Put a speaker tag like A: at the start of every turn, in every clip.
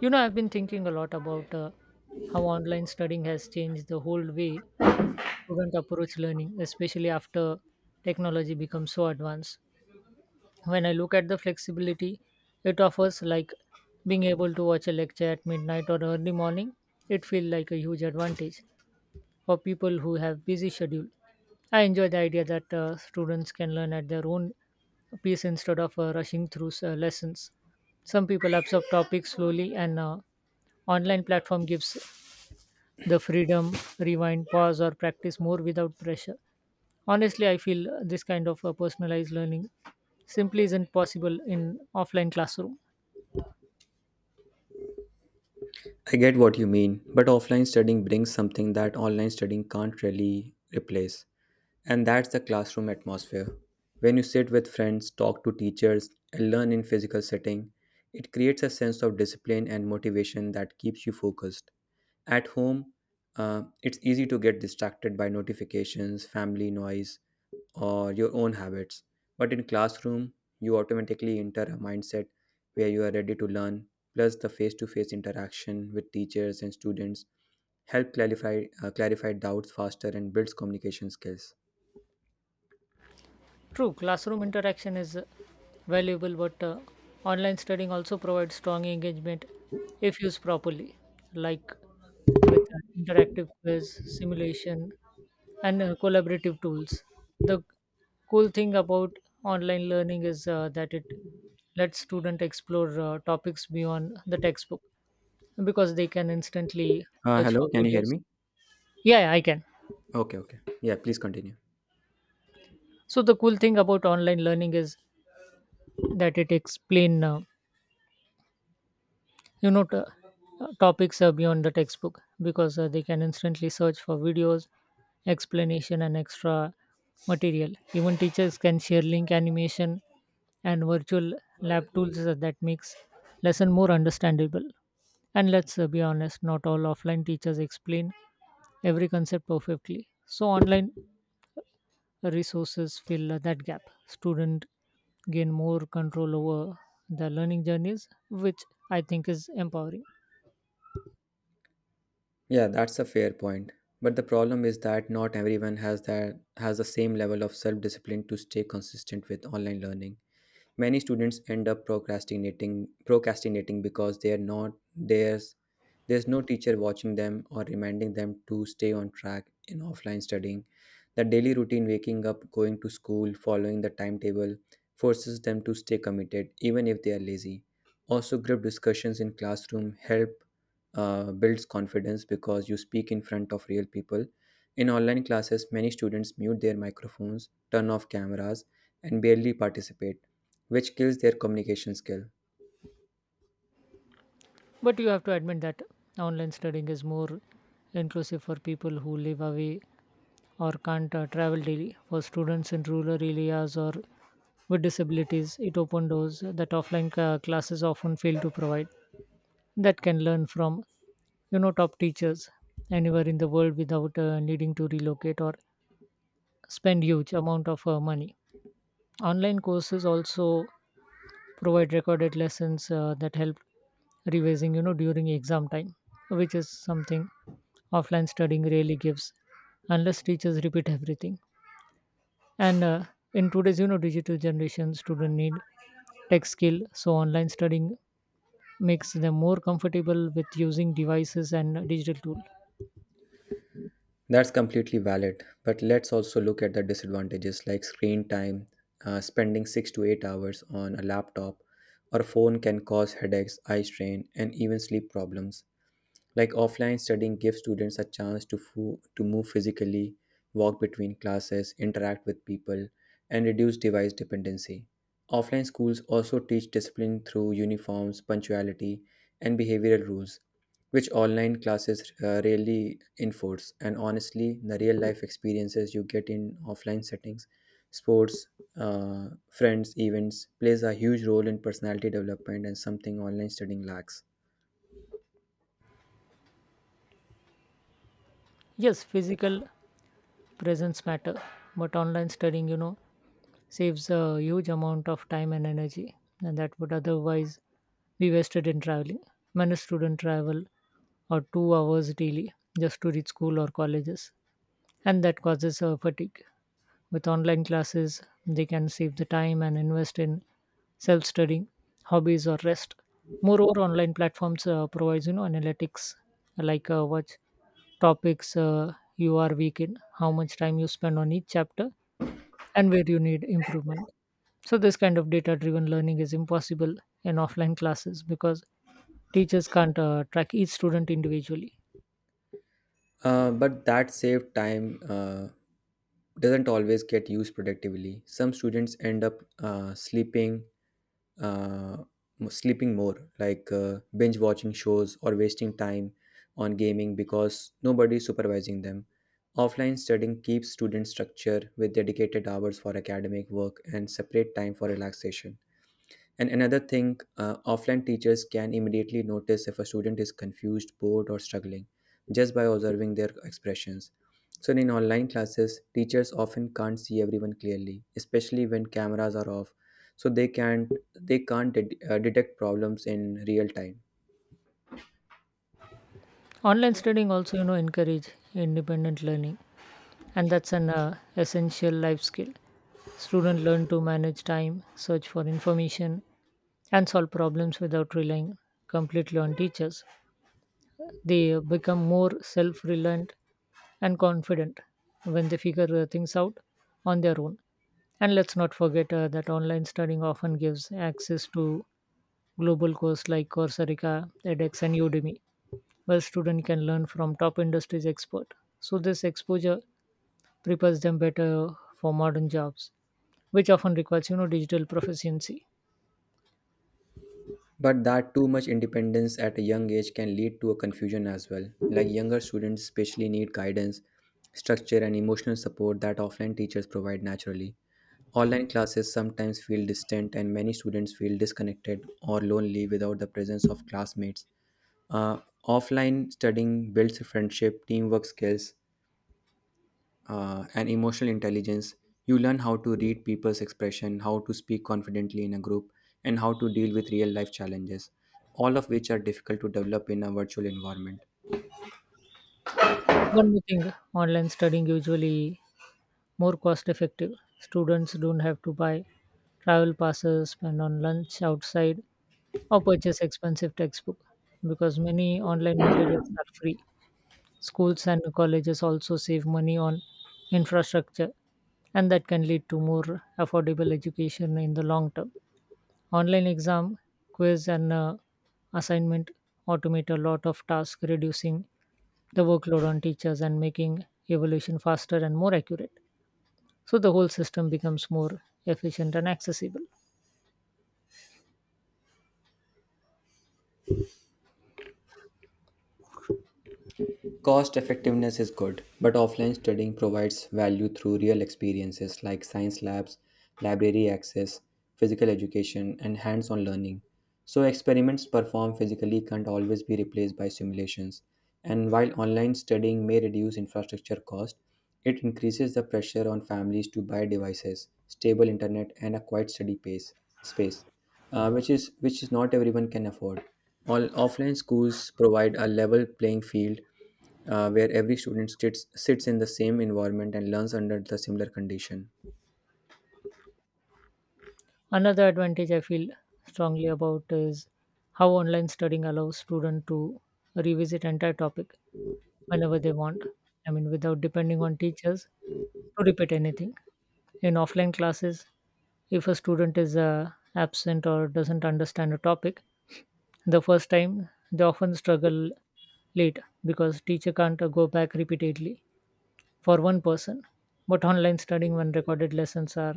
A: You know, I've been thinking a lot about how online studying has changed the whole way students approach learning, especially after technology becomes so advanced. When I look at the flexibility it offers, like being able to watch a lecture at midnight or early morning, it feels like a huge advantage for people who have busy schedule. I enjoy the idea that students can learn at their own pace instead of rushing through lessons. Some people absorb topics slowly, and online platform gives the freedom rewind, pause, or practice more without pressure. Honestly, I feel this kind of personalized learning simply isn't possible in offline classroom.
B: I get what you mean, but offline studying brings something that online studying can't really replace, and that's the classroom atmosphere. When you sit with friends, talk to teachers, and learn in physical setting, it creates a sense of discipline and motivation that keeps you focused. At home, it's easy to get distracted by notifications, family noise, or your own habits. But in classroom, you automatically enter a mindset where you are ready to learn, plus the face-to-face interaction with teachers and students help clarify doubts faster and builds communication skills.
A: True, classroom interaction is valuable, but online studying also provides strong engagement if used properly, like with interactive quiz, simulation, and collaborative tools. The cool thing about online learning is that it lets students explore topics beyond the textbook because they can instantly search
B: Hello,
A: for
B: can you hear
A: videos.
B: me?
A: Yeah, yeah, I can.
B: Okay, okay. Yeah, please continue.
A: So the cool thing about online learning is that it explain you know t- topics are beyond the textbook because they can instantly search for videos explanation and extra material, even teachers can share link animation and virtual lab tools that makes lesson more understandable. And let's be honest, not all offline teachers explain every concept perfectly, so online resources fill that gap. Student gain more control over the learning journeys, which I think is empowering.
B: Yeah, that's a fair point. But the problem is that not everyone has the same level of self-discipline to stay consistent with online learning. Many students end up procrastinating because they are not theirs there's no teacher watching them or reminding them to stay on track in offline studying. The daily routine, waking up, going to school, following the timetable, forces them to stay committed even if they are lazy. Also, group discussions in classroom help builds confidence because you speak in front of real people. In online classes, many students mute their microphones, turn off cameras, and barely participate, which kills their communication skill.
A: But you have to admit that online studying is more inclusive for people who live away or can't travel daily. For students in rural areas or with disabilities, it opened doors that offline classes often fail to provide. That can learn from, you know, top teachers anywhere in the world without needing to relocate or spend huge amount of money. Online courses also provide recorded lessons that help revising, you know, during exam time, which is something offline studying really gives unless teachers repeat everything. And in today's, you know, digital generation, students need tech skill, so online studying makes them more comfortable with using devices and digital tool.
B: That's completely valid, but let's also look at the disadvantages like screen time. Spending 6 to 8 hours on a laptop or phone can cause headaches, eye strain, and even sleep problems. Like offline studying gives students a chance to to move physically, walk between classes, interact with people, and reduce device dependency. Offline schools also teach discipline through uniforms, punctuality, and behavioral rules, which online classes rarely enforce. And honestly, the real life experiences you get in offline settings, sports, uh, friends, events, plays a huge role in personality development and something online studying lacks.
A: Yes, physical presence matter, but online studying, you know, saves a huge amount of time and energy, and that would otherwise be wasted in traveling. Many students travel or 2 hours daily just to reach school or colleges, and that causes fatigue. With online classes, they can save the time and invest in self studying, hobbies, or rest. Moreover, online platforms provides, you know, analytics, like what topics you are weak in, how much time you spend on each chapter, and where you need improvement. So this kind of data-driven learning is impossible in offline classes because teachers can't track each student individually.
B: But that saved time doesn't always get used productively. Some students end up sleeping, uh, sleeping more, like binge watching shows or wasting time on gaming because nobody's supervising them. Offline studying keeps students structure with dedicated hours for academic work and separate time for relaxation. And another thing, offline teachers can immediately notice if a student is confused, bored, or struggling just by observing their expressions. So, in online classes, teachers often can't see everyone clearly, especially when cameras are off. So they can't det- detect problems in real time.
A: Online studying also, you know, encourage independent learning, and that's an essential life skill. Students learn to manage time, search for information, and solve problems without relying completely on teachers. They become more self reliant and confident when they figure things out on their own. And let's not forget that online studying often gives access to global courses like Coursera, edX, and Udemy, where students can learn from top industries expert. So this exposure prepares them better for modern jobs, which often requires, you know, digital proficiency.
B: But that too much independence at a young age can lead to a confusion as well. Like younger students especially need guidance, structure, and emotional support that offline teachers provide naturally. Online classes sometimes feel distant, and many students feel disconnected or lonely without the presence of classmates. Uh, Offline studying builds friendship, teamwork skills, and emotional intelligence. You learn how to read people's expression, how to speak confidently in a group, and how to deal with real life challenges, all of which are difficult to develop in a virtual environment.
A: One more thing, online studying usually more cost effective. Students don't have to buy travel passes, spend on lunch outside, or purchase expensive textbook because many online materials are free. Schools and colleges also save money on infrastructure, and that can lead to more affordable education in the long term. Online exam, quiz, and assignment automate a lot of tasks, reducing the workload on teachers and making evaluation faster and more accurate, so the whole system becomes more efficient and accessible.
B: Cost effectiveness is good, but offline studying provides value through real experiences like science labs, library access, physical education, and hands on learning. So, experiments performed physically can't always be replaced by simulations. And while online studying may reduce infrastructure cost, it increases the pressure on families to buy devices, stable internet, and a quiet space, which is not everyone can afford. All offline schools provide a level playing field where every student sits in the same environment and learns under the similar condition.
A: Another advantage I feel strongly about is how online studying allows students to revisit entire topic whenever they want. I mean, without depending on teachers to repeat anything. In offline classes, if a student is absent or doesn't understand a topic the first time, they often struggle late because teacher can't go back repeatedly for one person, but online studying when recorded lessons are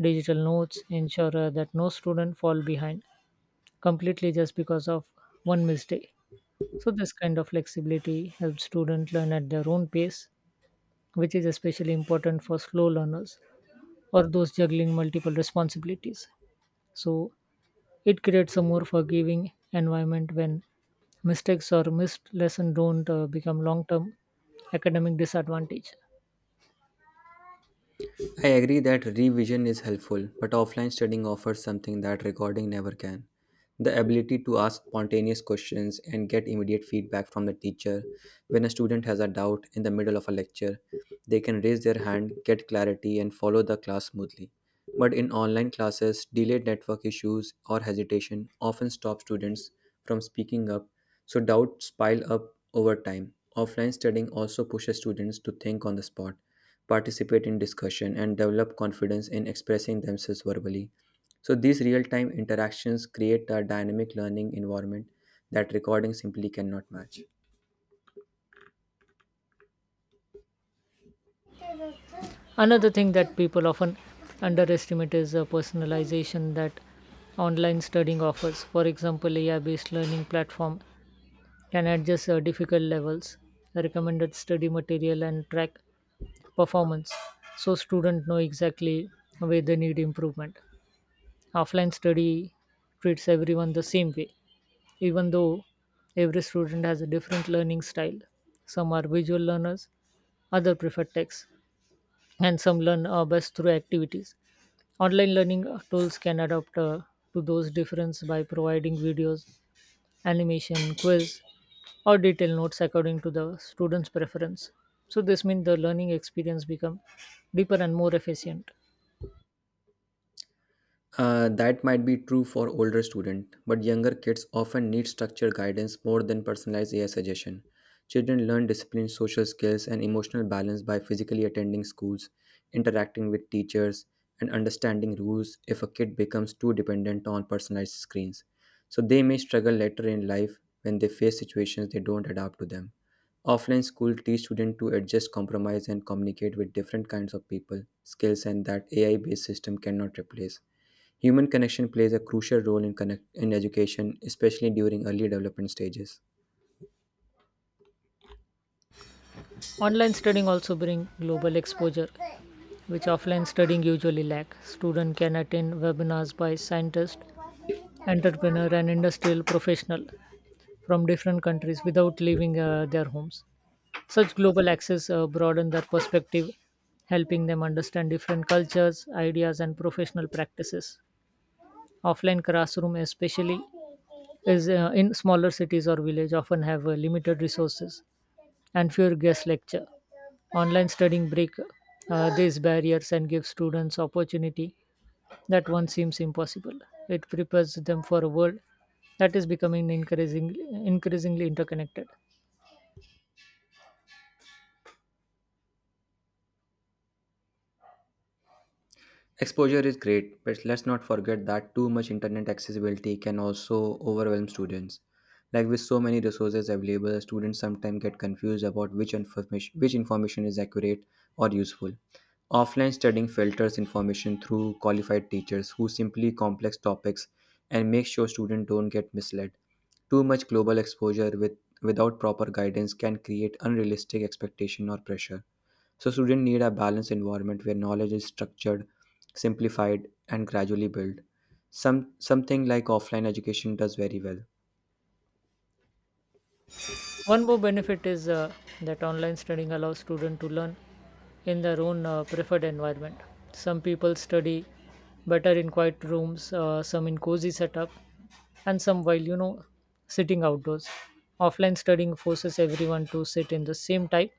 A: digital notes ensure that no student fall behind completely just because of one mistake. So this kind of flexibility helps students learn at their own pace, which is especially important for slow learners or those juggling multiple responsibilities. So it creates a more forgiving environment when mistakes or missed lesson don't become long-term academic disadvantage.
B: I agree that revision is helpful, but offline studying offers something that recording never can. The ability to ask spontaneous questions and get immediate feedback from the teacher. When a student has a doubt in the middle of a lecture, they can raise their hand, get clarity, and follow the class smoothly. But in online classes, delayed network issues or hesitation often stop students from speaking up, so doubts pile up over time. Offline studying also pushes students to think on the spot participate in discussion, and develop confidence in expressing themselves verbally. So these real-time interactions create a dynamic learning environment that recording simply cannot match.
A: Another thing that people often underestimate is the personalization that online studying offers. For example, AI based learning platform can adjust difficult levels, recommended study material, and track performance so students know exactly where they need improvement. Offline study treats everyone the same way, even though every student has a different learning style. Some are visual learners, others prefer text, and some learn best through activities. Online learning tools can adapt to those differences by providing videos, animation, quiz, or detailed notes according to the student's preference. So this means the learning experience become deeper and more efficient.
B: That might be true for older students, but younger kids often need structured guidance more than personalized AI suggestion. Children learn discipline, social skills, and emotional balance by physically attending schools, interacting with teachers, and understanding rules if a kid becomes too dependent on personalized screens. So they may struggle later in life when they face situations they don't adapt to them. Offline school teach students to adjust, compromise, and communicate with different kinds of people, skills, and that AI based system cannot replace. Human connection plays a crucial role in education, especially during early development stages.
A: Online studying also bring global exposure, which offline studying usually lack. Student can attend webinars by scientists, entrepreneur, and industrial professional from different countries without leaving their homes. Such global access broaden their perspective, helping them understand different cultures, ideas, and professional practices. Offline classroom, especially, is in smaller cities or village, often have limited resources and fewer guest lecture. Online studying break these barriers and give students opportunity that once seems impossible. It prepares them for a world that is becoming increasingly interconnected.
B: Exposure is great, but let's not forget that too much internet accessibility can also overwhelm students. Like with so many resources available, students sometimes get confused about which information is accurate or useful. Offline studying filters information through qualified teachers who simply complex topics and make sure students don't get misled. Too much global exposure with without proper guidance can create unrealistic expectation or pressure so students need a balanced environment where knowledge is structured, simplified, and gradually built. Something like offline education does very well.
A: One more benefit is that online studying allows students to learn in their own preferred environment. Some people study better in quiet rooms, some in cozy setup, and some while, you know, sitting outdoors. Offline studying forces everyone to sit in the same type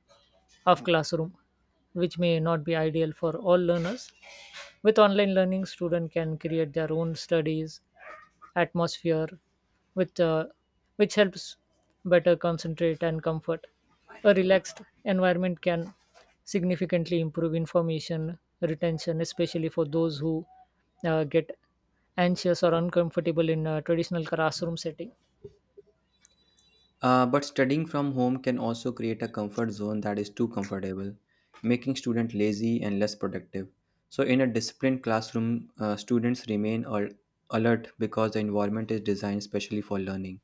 A: of classroom, which may not be ideal for all learners. With online learning, student can create their own studies atmosphere, with which helps better concentrate and comfort. A relaxed environment can significantly improve information retention, especially for those who get anxious or uncomfortable in a traditional classroom setting.
B: But studying from home can also create a comfort zone that is too comfortable, making students lazy and less productive. So in a disciplined classroom, students alert because the environment is designed specially for learning.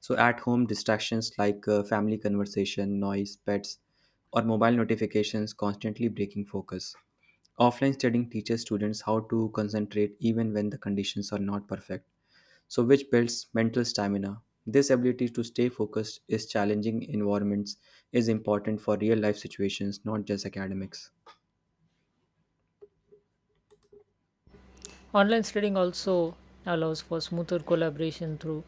B: So at home, distractions like family conversation, noise, pets, or mobile notifications constantly breaking focus. Offline studying teaches students how to concentrate even when the conditions are not perfect, so which builds mental stamina. This ability to stay focused in challenging environments is important for real life situations, not just academics.
A: Online studying also allows for smoother collaboration through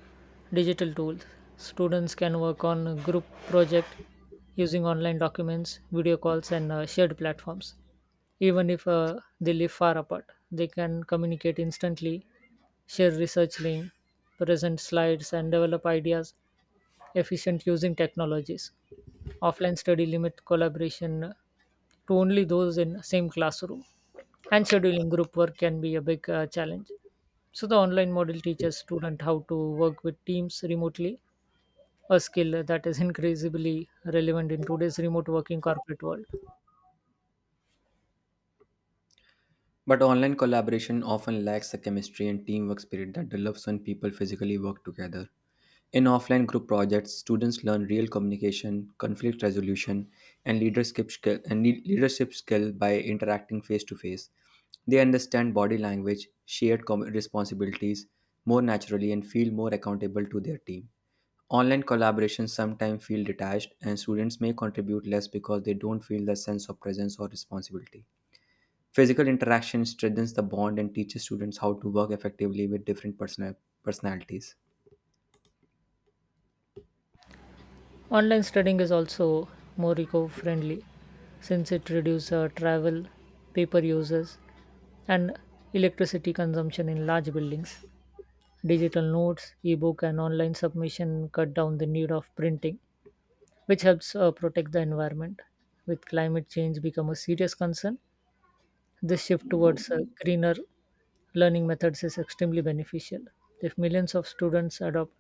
A: digital tools. Students can work on a group project using online documents, video calls, and shared platforms. Even if they live far apart, they can communicate instantly, share research link, present slides, and develop ideas efficient using technologies. Offline study limit collaboration to only those in same classroom, and scheduling group work can be a big challenge. So the online model teaches student how to work with teams remotely, a skill that is increasingly relevant in today's remote working corporate world.
B: But online collaboration often lacks the chemistry and teamwork spirit that develops when people physically work together. In offline group projects, students learn real communication, conflict resolution, and leadership skill, and le- leadership skill by interacting face to face. They understand body language, shared responsibilities more naturally, and feel more accountable to their team. Online collaborations sometimes feel detached, and students may contribute less because they don't feel the sense of presence or responsibility. Physical interaction strengthens the bond and teaches students how to work effectively with different personalities.
A: Online studying is also more eco-friendly since it reduces travel, paper uses, and electricity consumption in large buildings. Digital notes, ebook, and online submission cut down the need of printing, which helps protect the environment. With climate change become a serious concern, this shift towards greener learning methods is extremely beneficial. If millions of students adopt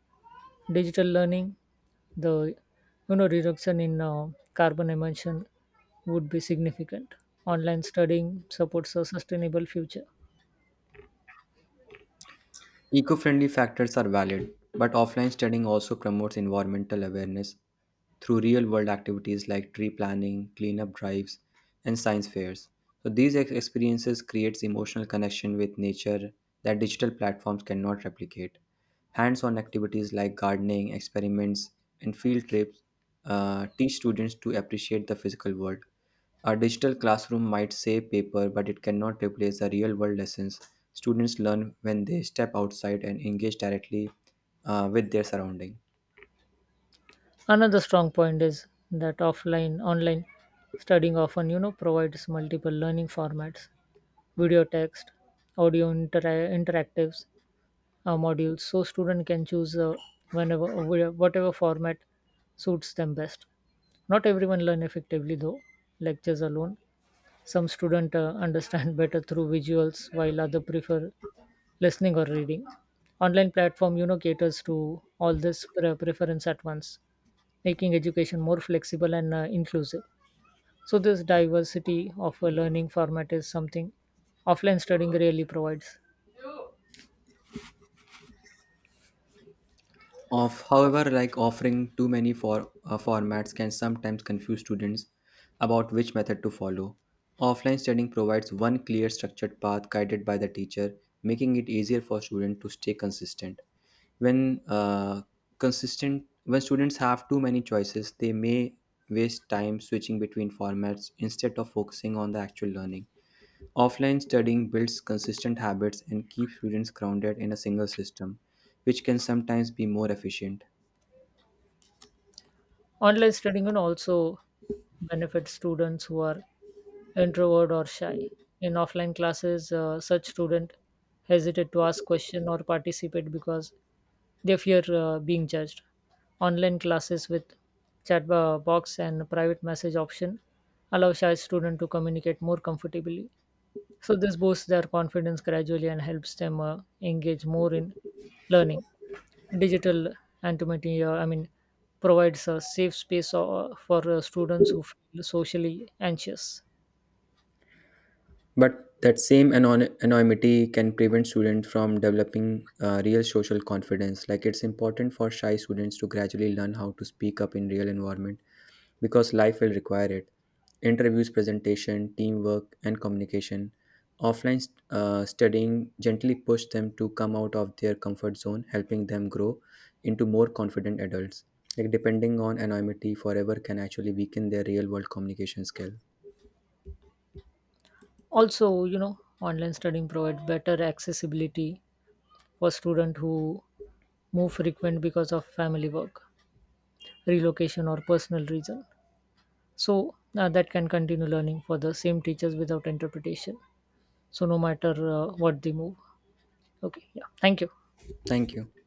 A: digital learning, the, you know, reduction in carbon emission would be significant. Online studying supports a sustainable future.
B: Eco-friendly factors are valid, but offline studying also promotes environmental awareness through real-world activities like tree planting, cleanup drives, and science fairs. So these experiences creates emotional connection with nature that digital platforms cannot replicate. Hands-on activities like gardening, experiments, and field trips teach students to appreciate the physical world. A digital classroom might save paper, but it cannot replace the real world lessons students learn when they step outside and engage directly with their surrounding.
A: Another strong point is that offline online studying often, you know, provides multiple learning formats, video text, audio interactives modules, so student can choose whatever format suits them best. Not everyone learn effectively though lectures alone. Some student understand better through visuals while other prefer listening or reading. Online platform, you know, caters to all this preference at once, making education more flexible and inclusive, so this diversity of a learning format is something offline studying really provides.
B: Of however, like offering too many formats can sometimes confuse students about which method to follow. Offline studying provides one clear structured path guided by the teacher, making it easier for students to stay consistent. When uh, when students have too many choices, they may waste time switching between formats instead of focusing on the actual learning. Offline studying builds consistent habits and keeps students grounded in a single system, which can sometimes be more efficient.
A: Online studying can also benefit students who are introvert or shy. In offline classes, such student hesitate to ask question or participate because they fear being judged. Online classes with chat box and private message option allow shy student to communicate more comfortably. So this boosts their confidence gradually and helps them engage more in learning. Digital anonymity, provides a safe space for students who feel socially anxious.
B: But that same anonymity can prevent students from developing real social confidence. Like it's important for shy students to gradually learn how to speak up in real environment because life will require it. Interviews, presentation, teamwork, and communication. Offline studying gently pushed them to come out of their comfort zone, helping them grow into more confident adults. Like depending on anonymity forever can actually weaken their real world communication skill.
A: Also, you know, online studying provides better accessibility for students who move frequent because of family work, relocation, or personal reason. So that can continue learning for the same teachers without interpretation. So no matter what they move. Okay, yeah. Thank you.
B: Thank you.